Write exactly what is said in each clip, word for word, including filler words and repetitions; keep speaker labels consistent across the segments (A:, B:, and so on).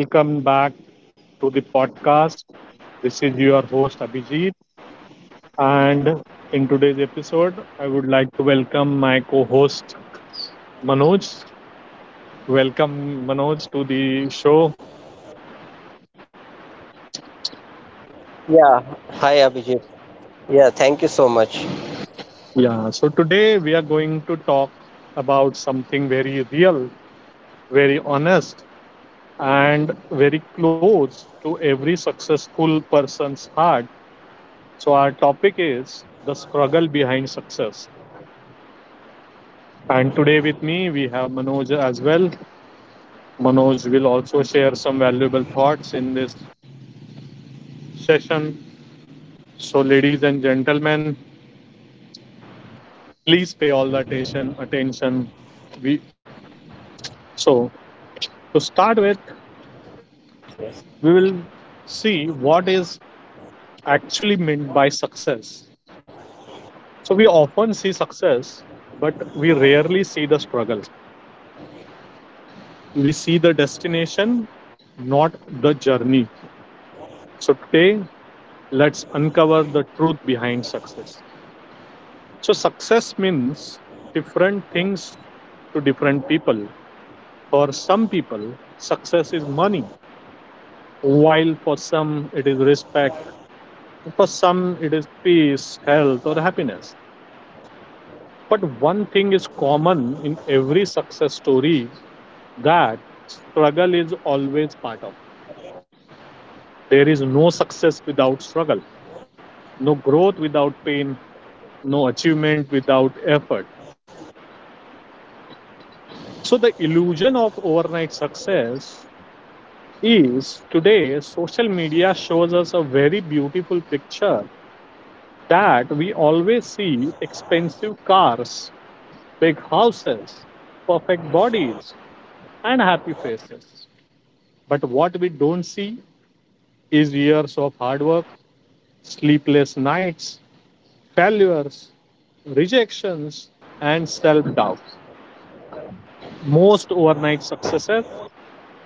A: Welcome back to the podcast. This is your host, Abhijit. And in today's episode, I would like to welcome my co host, Manoj. Welcome, Manoj, to the show.
B: Yeah, hi Abhijit. Yeah, thank you so much.
A: Yeah, so today we are going to talk about something very real, very honest, and very close to every successful person's heart. So, our topic is the struggle behind success. And today with me, we have Manoj as well. Manoj will also share some valuable thoughts in this session. So, ladies and gentlemen, please pay all the attention. Attention. We so To start with, we will see what is actually meant by success. So we often see success, but we rarely see the struggle. We see the destination, not the journey. So today, let's uncover the truth behind success. So, success means different things to different people. For some people, success is money, while for some it is respect, for some it is peace, health, or happiness. But one thing is common in every success story, that struggle is always part of. it. There is no success without struggle, no growth without pain, no achievement without effort. So, the illusion of overnight success is, today social media shows us a very beautiful picture, that we always see expensive cars, big houses, perfect bodies, and happy faces. But what we don't see is years of hard work, sleepless nights, failures, rejections, and self doubt. Most overnight successes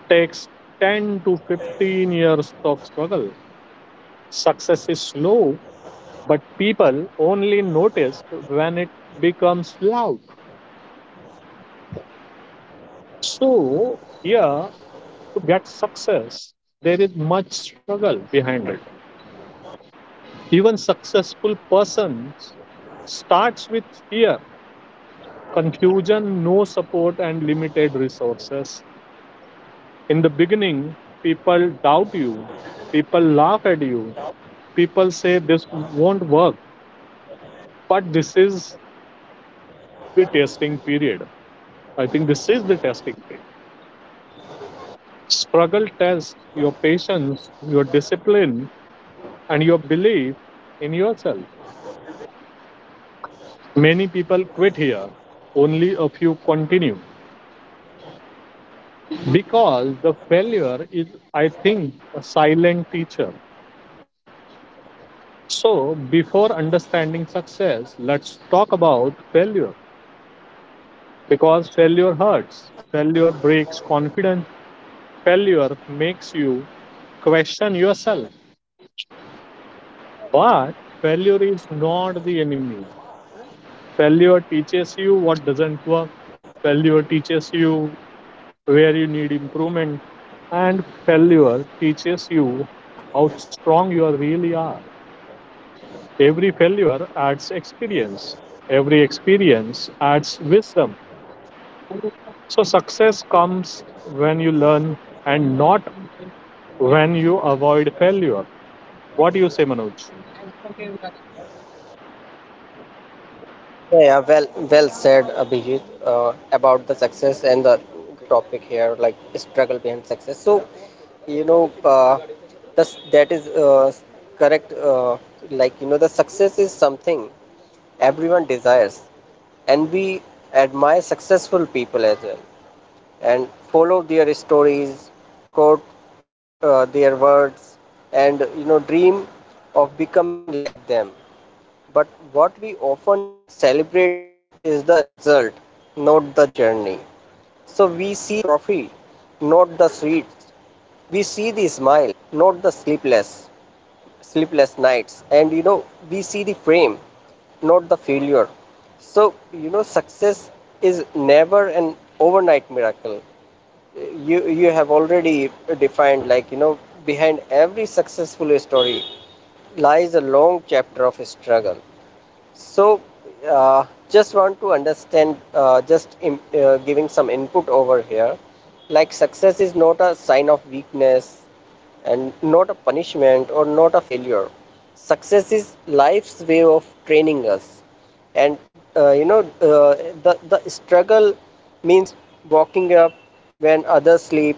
A: takes ten to fifteen years of struggle. Success is slow but people only notice when it becomes loud. So, here to get success, there is much struggle behind it. Even successful persons starts with fear, confusion, no support, and limited resources. In the beginning, people doubt you, people laugh at you, people say this won't work. But this is the testing period. I think this is the testing period Struggle tests your patience, your discipline, and your belief in yourself. Many people quit here, only a few continue because the failure is, I think, a silent teacher. So, before understanding success, let's talk about failure because failure hurts, failure breaks confidence, failure makes you question yourself. But failure is not the enemy. Failure teaches you what doesn't work. Failure teaches you where you need improvement. And failure teaches you how strong you really are. Every failure adds experience. Every experience adds wisdom. So success comes when you learn and not when you avoid failure. What do you say, Manoj?
B: Yeah, yeah, well, well said, Abhijit, uh, about the success and the great topic here, like struggle behind success. So, you know, uh, this, that is uh, correct. Uh, like, you know, the success is something everyone desires, and we admire successful people as well, and follow their stories, quote uh, their words, and you know, dream of becoming like them. But what we often celebrate is the result, not the journey. So we see the trophy, not the sweets. We see the smile, not the sleepless sleepless nights. And you know, we see the frame, not the failure. So you know, success is never an overnight miracle. You you have already defined, like you know behind every successful story lies a long chapter of struggle. So, uh, just want to understand, uh, just im uh, giving some input over here. Like, success is not a sign of weakness and not a punishment or not a failure. Success is life's way of training us. And uh, you know, uh, the, the struggle means walking up when others sleep,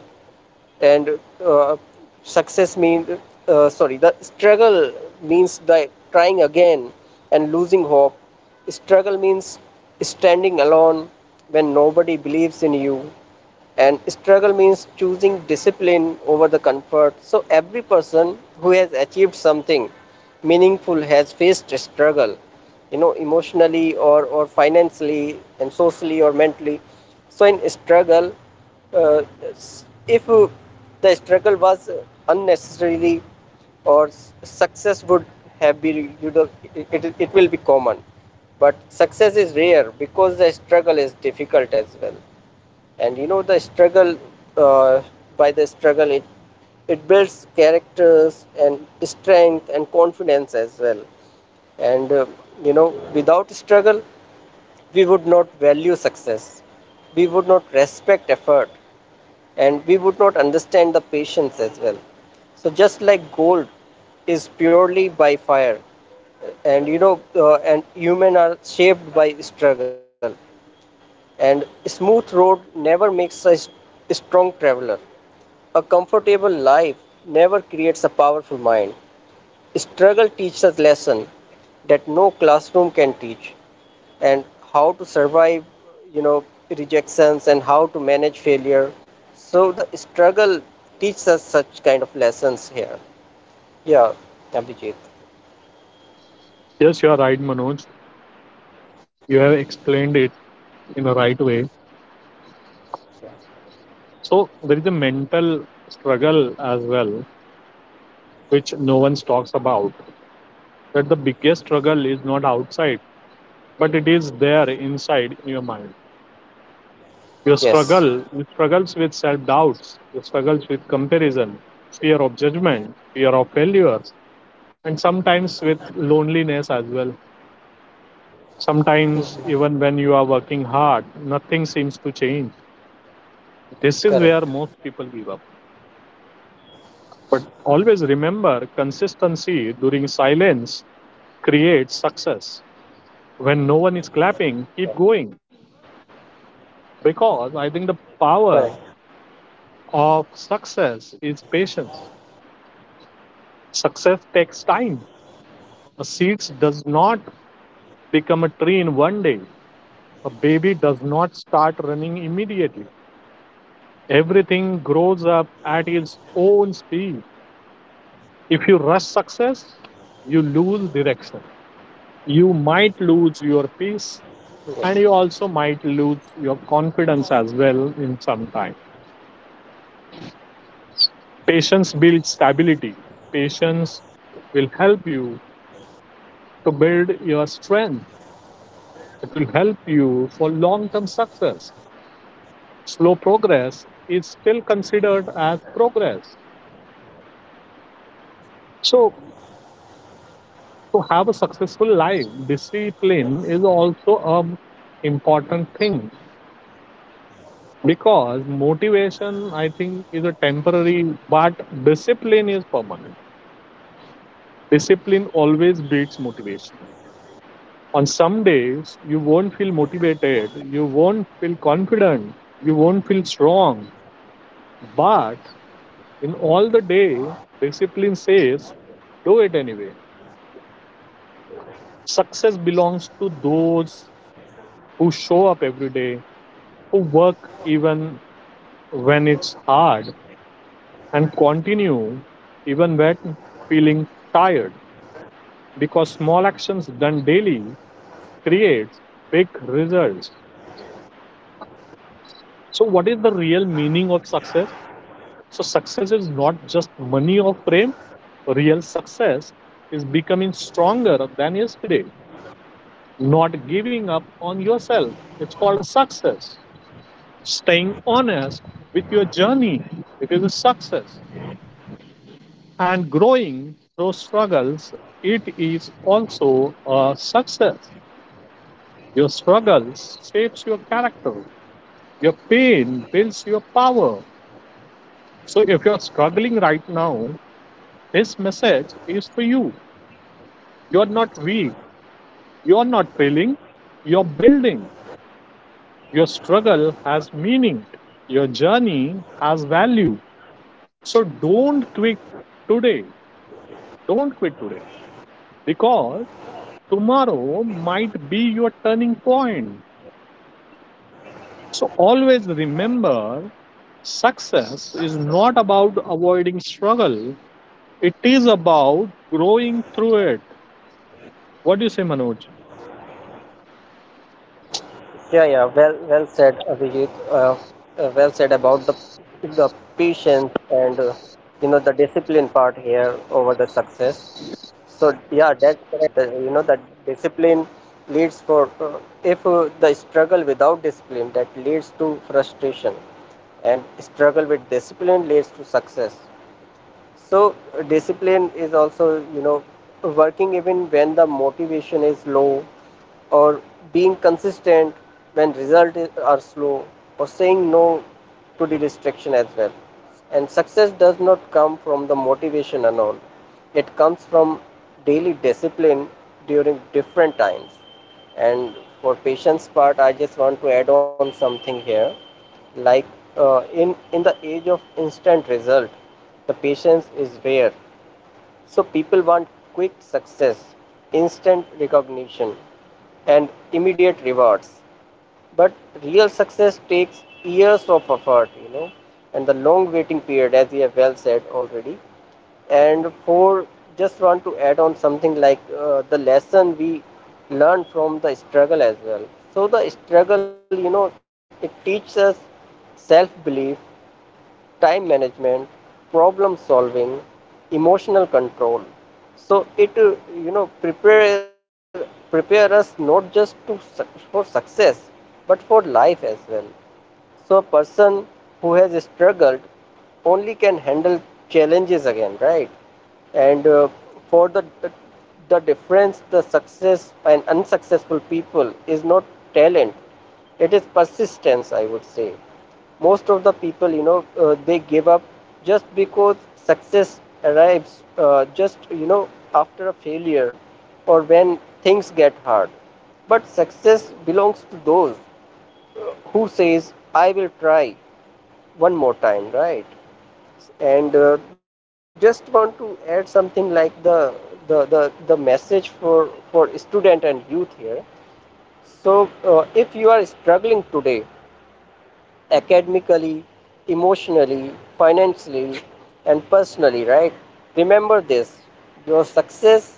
B: and uh, success means uh, sorry the struggle means the trying again and losing hope. Struggle means standing alone when nobody believes in you, and struggle means choosing discipline over the comfort. So every person who has achieved something meaningful has faced a struggle, you know emotionally or or financially and socially or mentally. So in struggle, uh, if uh, the struggle was uh, unnecessarily, or success would have been, you know it, it will be common, but success is rare because the struggle is difficult as well. And you know the struggle, uh, by the struggle, it it builds characters and strength and confidence as well. And uh, you know without struggle we would not value success, we would not respect effort, and we would not understand the patience as well. So just like gold is purely by fire, and you know uh, and human are shaped by struggle, and smooth road never makes a strong traveler. A comfortable life never creates a powerful mind. Struggle teaches us lesson that no classroom can teach, and how to survive, you know rejections and how to manage failure. So the struggle teaches us such kind of lessons here. Yeah, Abhijit.
A: Yes, you are right, Manoj. You have explained it in the right way. So there is a mental struggle as well, which no one talks about, that the biggest struggle is not outside but it is there inside in your mind. Your
B: Yes.
A: struggle you struggles with self doubts, you struggles with comparison, fear of judgment, fear of failures, and sometimes with loneliness as well. Sometimes
B: Mhm.
A: even when you are working hard, nothing seems to change. This is
B: Correct.
A: where most people give up. But always remember, consistency during silence creates success. When no one is clapping,
B: Yeah.
A: keep going, because I
B: Correct.
A: think the power of success is patience. Success takes time. A seed does not become a tree in one day. A baby does not start running immediately. Everything grows up at its own speed. If you rush success, you lose direction. You might
B: Yeah.
A: lose your peace and you also might lose your confidence as well in some time. Patience builds stability. Patience will help you to build your strength. It will help you for long term success. Slow progress is still considered as progress. So, to have a successful life, discipline is also an important thing because motivation, I think, is a temporary, but discipline is permanent. Discipline always beats motivation. On some days, you won't feel motivated, you won't feel confident, you won't feel strong, but in all the day, discipline says, do it anyway. Success belongs to those who show up every day, who work even when it's hard, and continue even when feeling tired. Because small actions done daily creates big results. So, what is the real meaning of success? So, success is not just money or fame. Real success is becoming stronger than yesterday. Not giving up on yourself. It's called a success. Staying honest with your journey. It is a success. And growing through struggles. It is also a success. Your struggles shapes your character. Your pain builds your power. So if you're struggling right now, this message is for you. You're not weak. You're not failing. You're building. Your struggle has meaning. Your journey has value. So don't quit today. Don't quit today because tomorrow might be your turning point. So always remember, success is not about avoiding struggle, it is about growing through it. What do you say, Manoj?
B: Yeah, yeah, well, well said, Abhijit. Uh, uh, well said about the the patience and uh, you know the discipline part here over the success. So yeah, that's correct. The, you know The discipline leads for, uh, if uh, the struggle without discipline, that leads to frustration, and struggle with discipline leads to success. So uh, discipline is also, you know, working even when the motivation is low, or being consistent when results are slow, or saying no to the distraction as well. And success does not come from the motivation alone. It comes from daily discipline during different times. And for patients part, I just want to add on something here. Like, uh, in in the age of instant result, the patience is rare. So people want quick success, instant recognition, and immediate rewards. But real success takes years of effort, you know, and the long waiting period, as we have well said already. And for, just want to add on something like, uh, the lesson we learn from the struggle as well. So the struggle, you know, it teaches us self-belief, time management, problem solving, emotional control. So it, uh, you know, prepare prepare us not just to suc- for success, but for life as well. So a person who has struggled only can handle challenges again, right? And uh, for the, the difference, the success and unsuccessful people is not talent; it is persistence. I would say most of the people, you know, uh, they give up just because success arrives uh, just you know after a failure or when things get hard. But success belongs to those who says, I will try one more time, right? And uh, just want to add something like the the the, the message for for student and youth here. So uh, if you are struggling today, academically, emotionally, financially, and personally, right, remember this, your success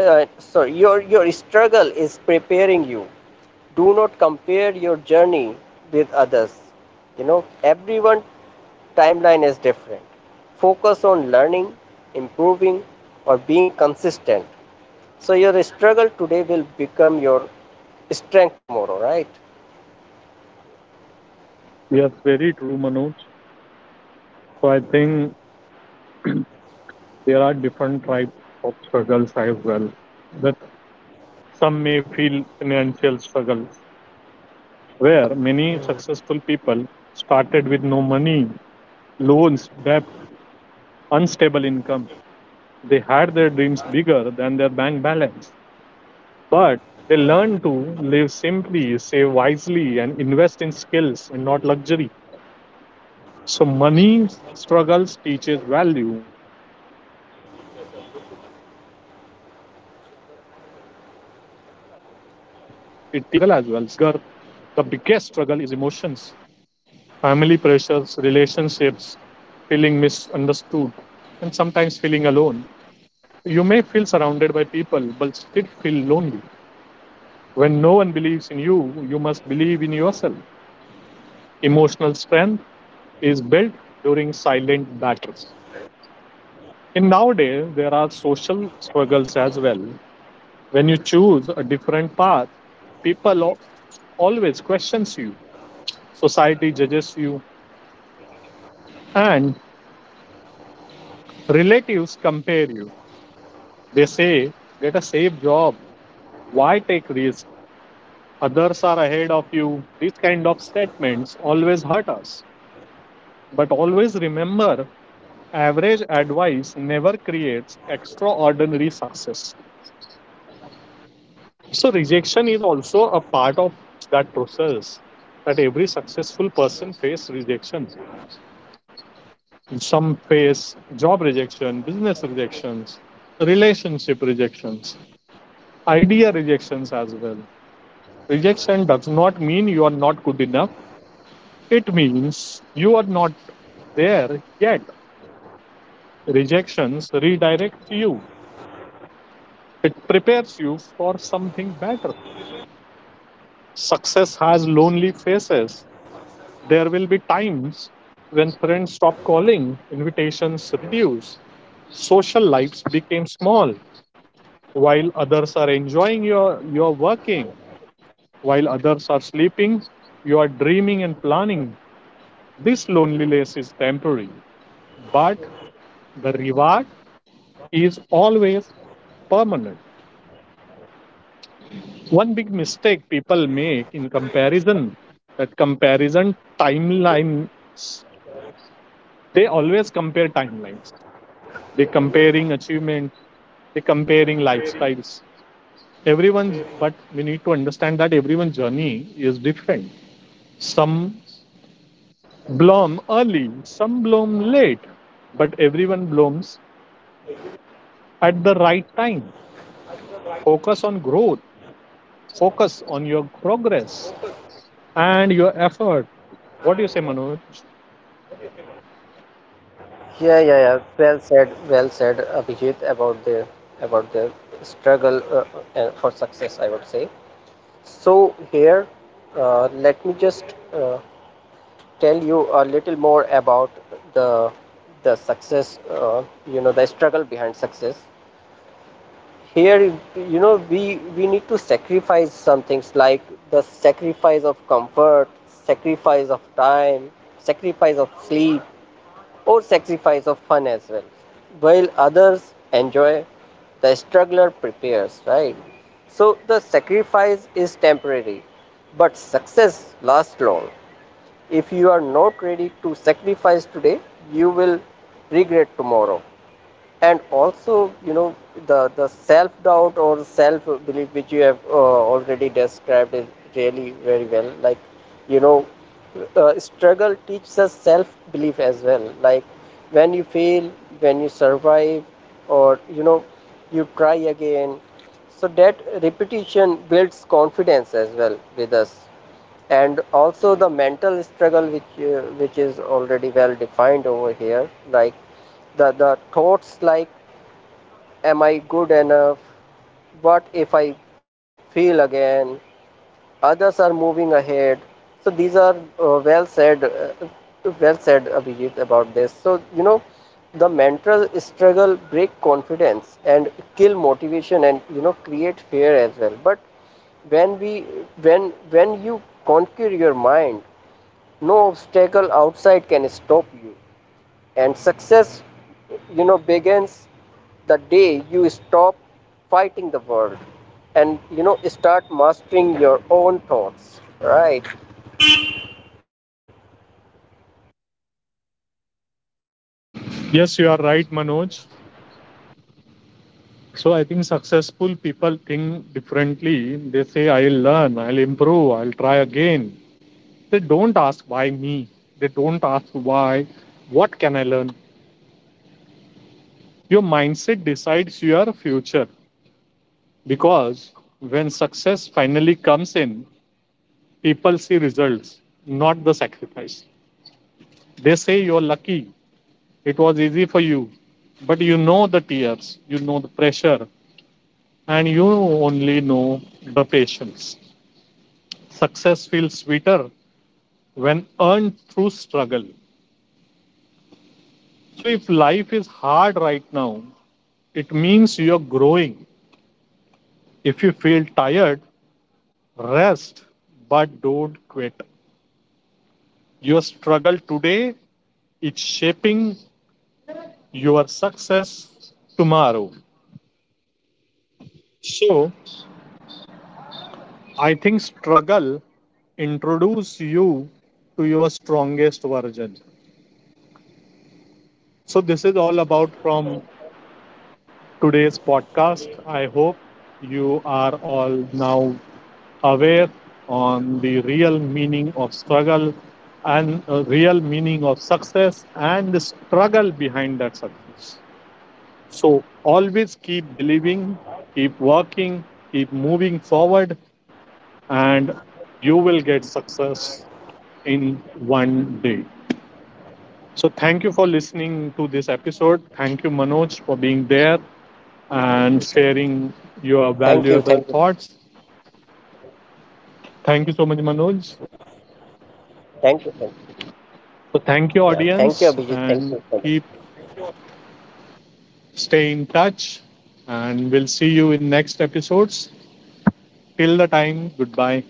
B: uh, sorry your your struggle is preparing you. Do not compare your journey with others. you know everyone timeline is different. Focus on learning, improving, or being consistent. So your struggle today will become your strength tomorrow, right?
A: Yes, very true, Manoj. So I think there are different types of struggles as well. That some may feel financial struggle, where many successful people started with no money, loans, debt, unstable income. They had their dreams bigger than their bank balance, but they learned to live simply, save wisely, and invest in skills and not luxury. So money struggles teaches value. It teaches us discipline. In the other hand, there is emotional struggle as well. Sometimes the bigger the biggest struggle is emotions, family pressures, relationships, feeling misunderstood, and sometimes feeling alone. You may feel surrounded by people but still feel lonely. When no one believes in you, you must believe in yourself. Emotional strength is built during silent battles. In nowadays there are social struggles as well. When you choose a different path, people always questions you, society judges you, and relatives compare you. They say, get a safe job, why take risk? Others are ahead of you. These kind of statements always hurt us. But always remember, average advice never creates extraordinary success. So, rejection is also a part of that process, that every successful person faces rejection. Some face job rejection, business rejections, relationship rejections, idea rejections as well. Rejection does not mean you are not good enough, it means you are not there yet. Rejections redirect you, it prepares you for something better. Success has lonely faces. There will be times when friends stop calling, invitations reduce, social lives became small, while others are enjoying your your working, while others are sleeping you are dreaming and planning. This loneliness is temporary, but the reward is always permanent. One big mistake people make in comparison, that comparison timeline, they always compare timelines, they comparing achievements, they comparing lifestyles, everyone. But we need to understand that everyone's journey is different. Some bloom early, some bloom late, but everyone blooms at the right time. Focus on growth, focus on your progress and your effort. What do you say, Manoj?
B: Yeah yeah yeah well said well said, Abhijit, about the about the struggle, uh, uh, for success, I would say. So here, uh, let me just uh, tell you a little more about the, the success. uh, you know the struggle behind success here. you know we we need to sacrifice some things, like the sacrifice of comfort, sacrifice of time, sacrifice of sleep, or sacrifice of fun as well. While others enjoy, the struggler prepares, right? So the sacrifice is temporary, but success lasts long. If you are not ready to sacrifice today, you will regret tomorrow. And also, you know, the, the self doubt or self belief, which you have uh, already described, is really very well. Like, you know, uh, struggle teaches us self belief as well. Like, when you fail, when you survive, or, you know, you try again. So, that repetition builds confidence as well with us. And also the mental struggle, which uh, which is already well defined over here. Like the the thoughts like, am I good enough, what if I fail again, others are moving ahead. So these are, uh, well said uh, well said, Abhijit, about this. So you know the mental struggle break confidence and kill motivation and you know create fear as well. But when we, when when you conquer your mind, no obstacle outside can stop you. And success, you know begins the day you stop fighting the world and you know start mastering your own thoughts, right?
A: Yes, you are right, Manoj. So I think successful people think differently. They say, I'll learn, I'll improve, I'll try again. They don't ask, why me? They don't ask, why? What can I learn? Your mindset decides your future. Because when success finally comes in, people see results, not the sacrifice. They say you're lucky, it was easy for you, but you know the tears, you know the pressure, and you only know the patience. Success feels sweeter when earned through struggle. So if life is hard right now, it means you're growing. If you feel tired, rest, but don't quit. Your struggle today, it's shaping your success tomorrow. So I think struggle introduce you to your strongest version. So this is all about from today's podcast. I hope you are all now aware on the real meaning of struggle and uh, real meaning of success and the struggle behind that success. So always keep believing, keep working, keep moving forward, and you will get success in one day. So thank you for listening to this episode. Thank you, Manoj, for being there and sharing your valuable
B: thank you
A: thoughts.
B: thank you
A: Thank you so much, Manoj.
B: Thank you, thank
A: So thank you,
B: you.
A: audience,
B: Yeah, thank
A: and
B: you.
A: keep stay in touch. And we'll see you in next episodes. Till the time, goodbye.